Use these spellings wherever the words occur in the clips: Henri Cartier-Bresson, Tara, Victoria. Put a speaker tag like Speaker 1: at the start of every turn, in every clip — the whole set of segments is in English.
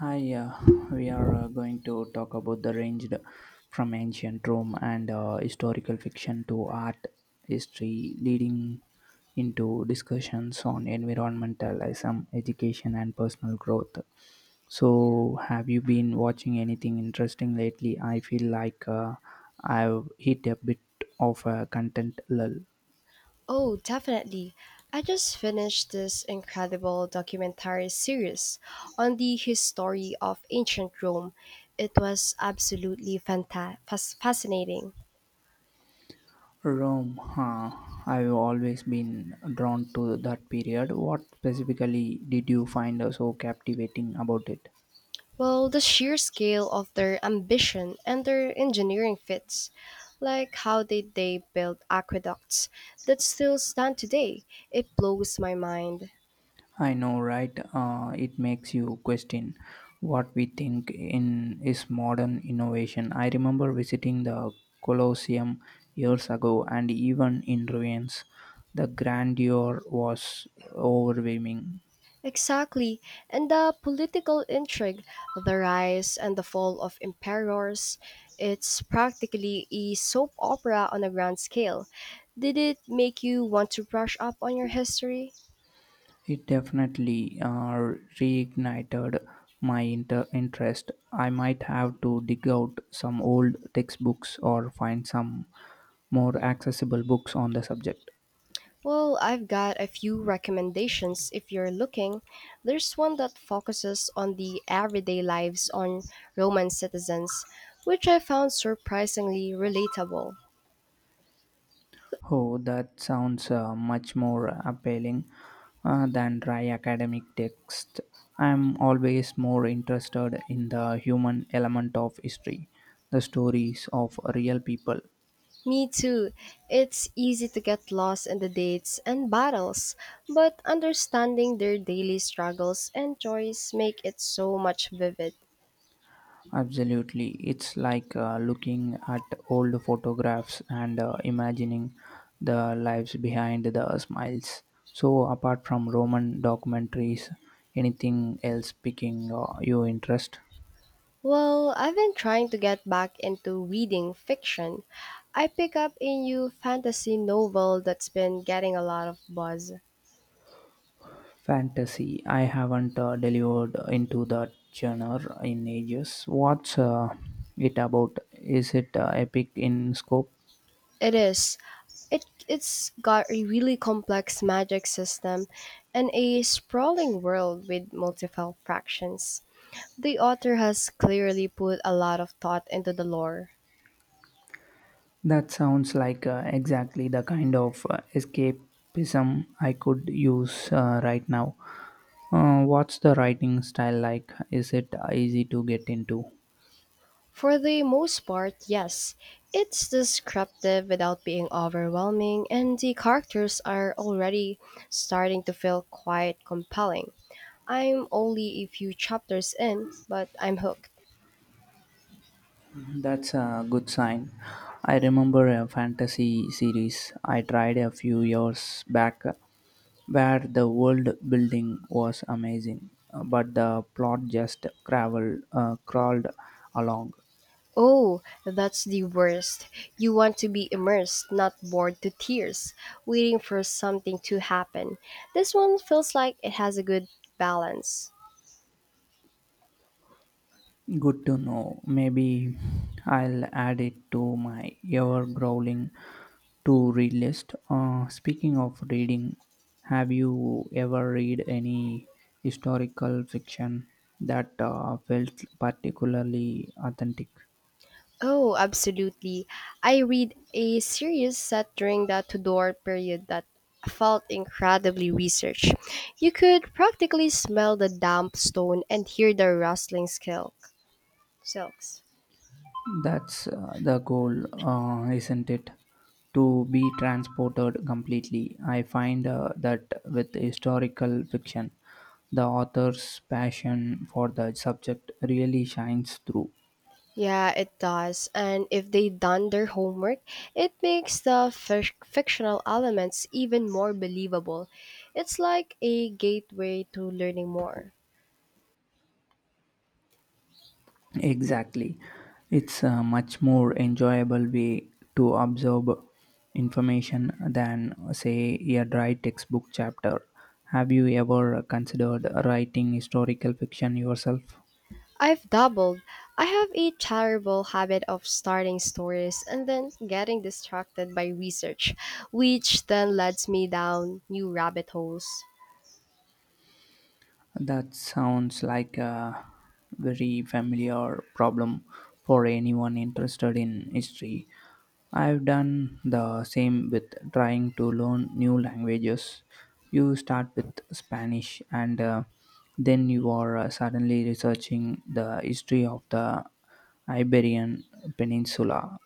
Speaker 1: Hi, we are going to talk about the ranged from ancient Rome and historical fiction to art history, leading into discussions on environmentalism, education, and personal growth. So, have you been watching anything interesting lately? I feel like I've hit a bit of a content lull.
Speaker 2: Oh, definitely. I just finished this incredible documentary series on the history of ancient Rome. It was absolutely fascinating.
Speaker 1: Rome, huh? I've always been drawn to that period. What specifically did you find so captivating about it?
Speaker 2: Well, the sheer scale of their ambition and their engineering feats, like how did they build aqueducts that still stand today, it blows my mind.
Speaker 1: I know, right? It makes you question what we think in is modern innovation. I remember visiting the Colosseum years ago, and even in ruins, the grandeur was overwhelming.
Speaker 2: Exactly. And the political intrigue, the rise and the fall of emperors, it's practically a soap opera on a grand scale. Did it make you want to brush up on your history?
Speaker 1: It definitely reignited interest. I might have to dig out some old textbooks or find some more accessible books on the subject.
Speaker 2: Well, I've got a few recommendations if you're looking. There's one that focuses on the everyday lives on Roman citizens, which I found surprisingly relatable.
Speaker 1: Oh, that sounds much more appealing than dry academic text. I'm always more interested in the human element of history, the stories of real people.
Speaker 2: Me too. It's easy to get lost in the dates and battles, but understanding their daily struggles and joys make it so much vivid.
Speaker 1: Absolutely. It's like looking at old photographs and imagining the lives behind the smiles. So, apart from Roman documentaries, anything else picking your interest?
Speaker 2: Well, I've been trying to get back into reading fiction. I pick up a new fantasy novel that's been getting a lot of buzz.
Speaker 1: Fantasy. I haven't delivered into that genre in ages. What's it about? Is it epic in scope?
Speaker 2: It is. It's got a really complex magic system and a sprawling world with multiple fractions. The author has clearly put a lot of thought into the lore.
Speaker 1: That sounds like exactly the kind of escapism I could use right now. What's the writing style like? Is it easy to get into?
Speaker 2: For the most part, yes, it's descriptive without being overwhelming, and the characters are already starting to feel quite compelling. I'm only a few chapters in, but I'm hooked.
Speaker 1: That's a good sign. I remember a fantasy series I tried a few years back where the world building was amazing, but the plot just crawled along.
Speaker 2: Oh, that's the worst. You want to be immersed, not bored to tears, waiting for something to happen. This one feels like it has a good balance.
Speaker 1: Good to know. Maybe I'll add it to my ever growling to read list. Speaking of reading, have you ever read any historical fiction that felt particularly authentic?
Speaker 2: Oh, absolutely. I read a series set during the Tudor period that felt incredibly researched. You could practically smell the damp stone and hear the rustling silks.
Speaker 1: That's the goal, isn't it? To be transported completely. I find that with historical fiction, the author's passion for the subject really shines through.
Speaker 2: Yeah, it does. And if they done their homework, it makes the fictional elements even more believable. It's like a gateway to learning more.
Speaker 1: Exactly. It's a much more enjoyable way to absorb information than, say, a dry textbook chapter. Have you ever considered writing historical fiction yourself?
Speaker 2: I've doubled. I have a terrible habit of starting stories and then getting distracted by research, which then leads me down new rabbit holes.
Speaker 1: That sounds like a very familiar problem for anyone interested in history. I've done the same with trying to learn new languages. You start with Spanish and then you are suddenly researching the history of the Iberian Peninsula.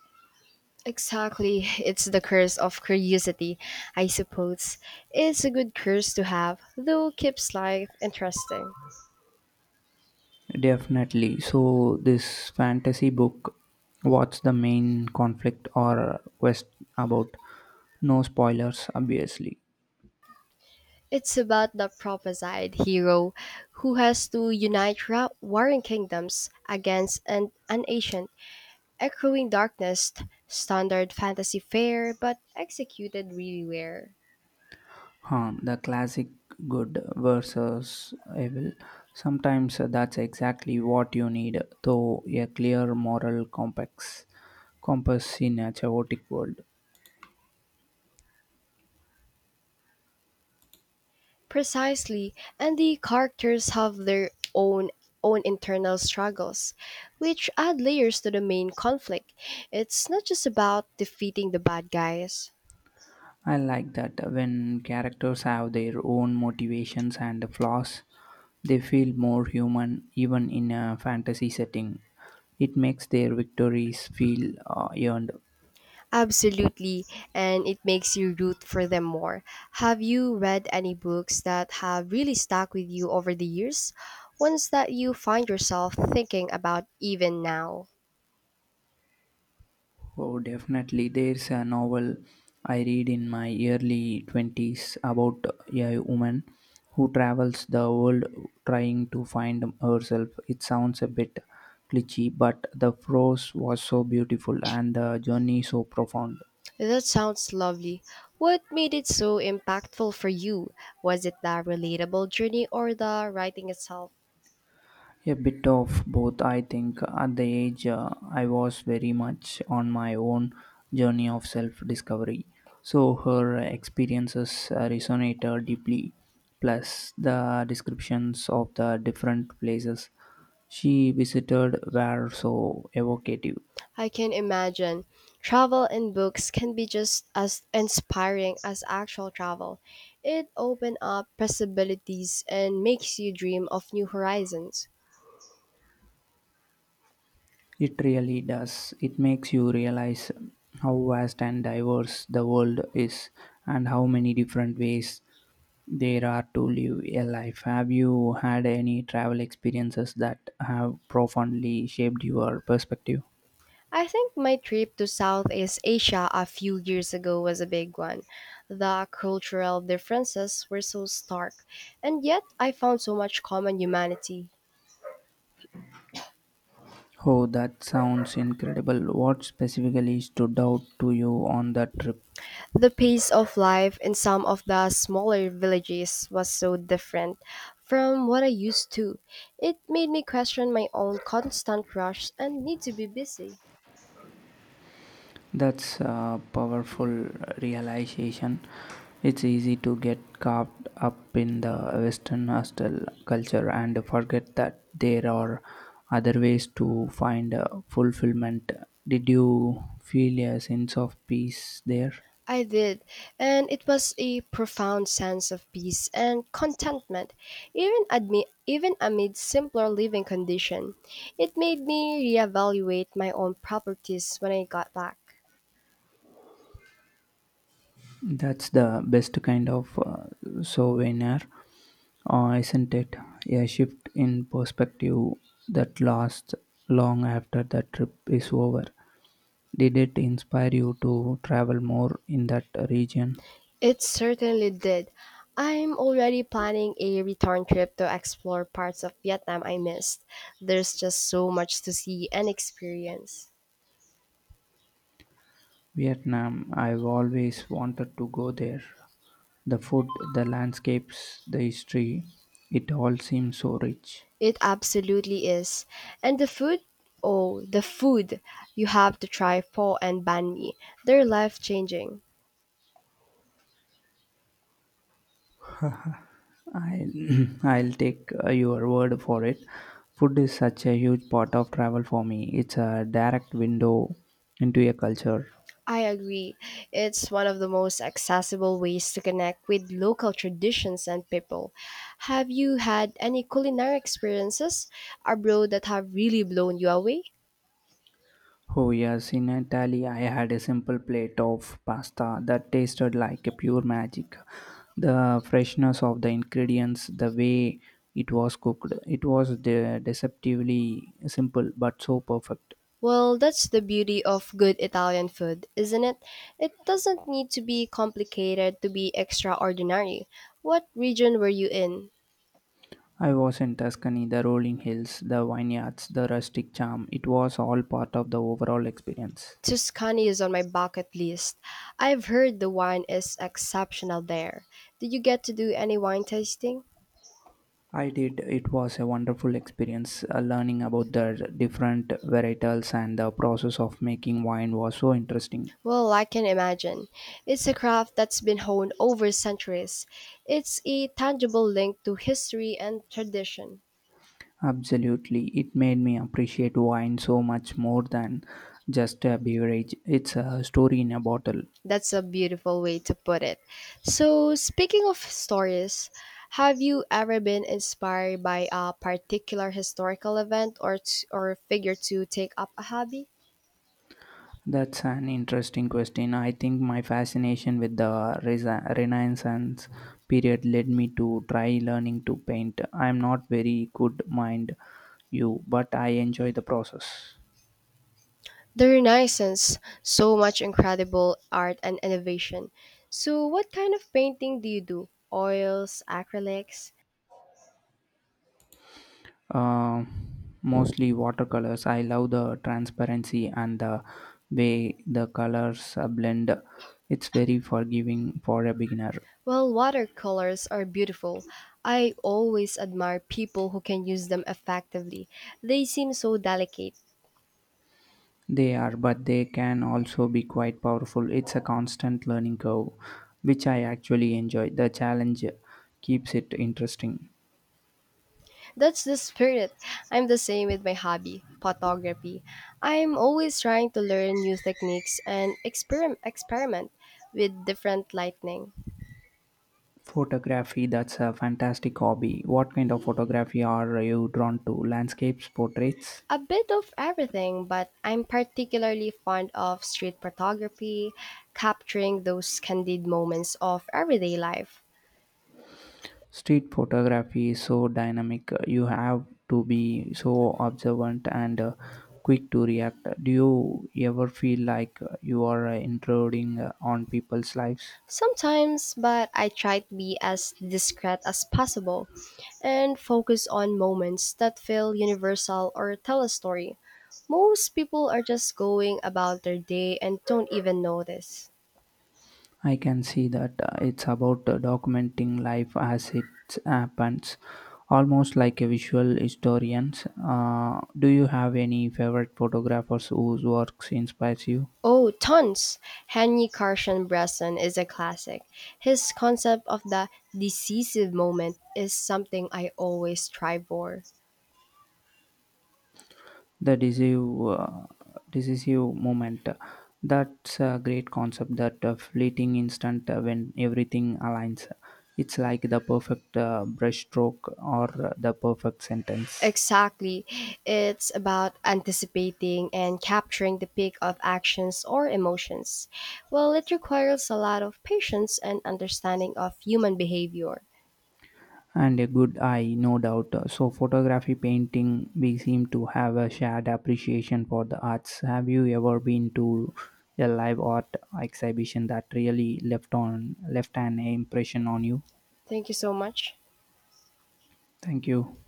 Speaker 2: Exactly. It's the curse of curiosity, I suppose. It's a good curse to have, though keeps life interesting.
Speaker 1: Definitely. So, this fantasy book, what's the main conflict or quest about? No spoilers, obviously.
Speaker 2: It's about the prophesied hero who has to unite warring kingdoms against an ancient Echoing Darkness, standard fantasy fare but executed really well.
Speaker 1: Huh, the classic good versus evil. Sometimes that's exactly what you need, though a clear moral complex compass in a chaotic world.
Speaker 2: Precisely, and the characters have their own internal struggles, which add layers to the main conflict. It's not just about defeating the bad guys.
Speaker 1: I like that when characters have their own motivations and flaws, they feel more human even in a fantasy setting. It makes their victories feel earned.
Speaker 2: Absolutely, and it makes you root for them more. Have you read any books that have really stuck with you over the years? Ones that you find yourself thinking about even now?
Speaker 1: Oh, definitely. There's a novel I read in my early 20s about a woman who travels the world trying to find herself. It sounds a bit cliche, but the prose was so beautiful and the journey so profound.
Speaker 2: That sounds lovely. What made it so impactful for you? Was it the relatable journey or the writing itself?
Speaker 1: A bit of both, I think. At the age, I was very much on my own journey of self discovery. So her experiences resonated deeply. Plus, the descriptions of the different places she visited were so evocative.
Speaker 2: I can imagine. Travel in books can be just as inspiring as actual travel. It opens up possibilities and makes you dream of new horizons.
Speaker 1: It really does. It makes you realize how vast and diverse the world is and how many different ways there are to live a life. Have you had any travel experiences that have profoundly shaped your perspective?
Speaker 2: I think my trip to Southeast Asia a few years ago was a big one. The cultural differences were so stark, and yet I found so much common humanity.
Speaker 1: Oh, that sounds incredible. What specifically stood out to you on that trip?
Speaker 2: The pace of life in some of the smaller villages was so different from what I used to. It made me question my own constant rush and need to be busy.
Speaker 1: That's a powerful realization. It's easy to get caught up in the Western hostel culture and forget that there are other ways to find fulfillment. Did you feel a sense of peace there?
Speaker 2: I did, and it was a profound sense of peace and contentment, even amid simpler living conditions. It made me reevaluate my own properties when I got back.
Speaker 1: That's the best kind of souvenir, isn't it? A shift in perspective that lasts long after the trip is over. Did it inspire you to travel more in that region?
Speaker 2: It certainly did. I'm already planning a return trip to explore parts of Vietnam I missed. There's just so much to see and experience.
Speaker 1: Vietnam, I've always wanted to go there. The food, the landscapes, the history, it all seems so rich.
Speaker 2: It absolutely is. And the food? Oh, the food. You have to try pho and banh mi. They're life changing.
Speaker 1: I'll, I'll take your word for it. Food is such a huge part of travel for me. It's a direct window into a culture.
Speaker 2: I agree. It's one of the most accessible ways to connect with local traditions and people. Have you had any culinary experiences abroad that have really blown you away?
Speaker 1: Oh, yes, in Italy, I had a simple plate of pasta that tasted like a pure magic. The freshness of the ingredients, the way it was cooked, it was deceptively simple but so perfect.
Speaker 2: Well, that's the beauty of good Italian food, isn't it? It doesn't need to be complicated to be extraordinary. What region were you in?
Speaker 1: I was in Tuscany, the rolling hills, the vineyards, the rustic charm, it was all part of the overall experience.
Speaker 2: Tuscany is on my bucket list. I've heard the wine is exceptional there. Did you get to do any wine tasting?
Speaker 1: I did. It was a wonderful experience. Learning about the different varietals and the process of making wine was so interesting.
Speaker 2: Well, I can imagine. It's a craft that's been honed over centuries. It's a tangible link to history and tradition.
Speaker 1: Absolutely. It made me appreciate wine so much more than just a beverage. It's a story in a bottle.
Speaker 2: That's a beautiful way to put it. So, speaking of stories, have you ever been inspired by a particular historical event or or figure to take up a hobby?
Speaker 1: That's an interesting question. I think my fascination with the Renaissance period led me to try learning to paint. I'm not very good, mind you, but I enjoy the process.
Speaker 2: The Renaissance, so much incredible art and innovation. So, what kind of painting do you do? Oils, acrylics?
Speaker 1: Um, mostly watercolors. I love the transparency and the way the colors blend. It's very forgiving for a beginner.
Speaker 2: Well, watercolors are beautiful. I always admire people who can use them effectively. They seem so delicate.
Speaker 1: They are, but they can also be quite powerful. It's a constant learning curve, which I actually enjoy. The challenge keeps it interesting.
Speaker 2: That's the spirit. I'm the same with my hobby, photography. I'm always trying to learn new techniques and experiment with different lighting.
Speaker 1: Photography, that's a fantastic hobby. What kind of photography are you drawn to? Landscapes, portraits?
Speaker 2: A bit of everything, but I'm particularly fond of street photography, capturing those candid moments of everyday life.
Speaker 1: Street photography is so dynamic. You have to be so observant and quick to react. Do you ever feel like you are intruding on people's lives?
Speaker 2: Sometimes, but I try to be as discreet as possible and focus on moments that feel universal or tell a story. Most people are just going about their day and don't even notice.
Speaker 1: I can see that it's about documenting life as it happens, almost like a visual historian. Do you have any favorite photographers whose works inspires you?
Speaker 2: Oh, tons! Henry Carson Bresson is a classic. His concept of the decisive moment is something I always strive for.
Speaker 1: The decisive moment. That's a great concept. That fleeting instant when everything aligns. It's like the perfect brushstroke or the perfect sentence
Speaker 2: Exactly. It's about anticipating and capturing the peak of actions or emotions. Well, it requires a lot of patience and understanding of human behavior.
Speaker 1: and a good eye, no doubt. So, photography, painting, we seem to have a shared appreciation for the arts. Have you ever been to a live art exhibition that really left an impression on you?
Speaker 2: Thank you so much.
Speaker 1: Thank you.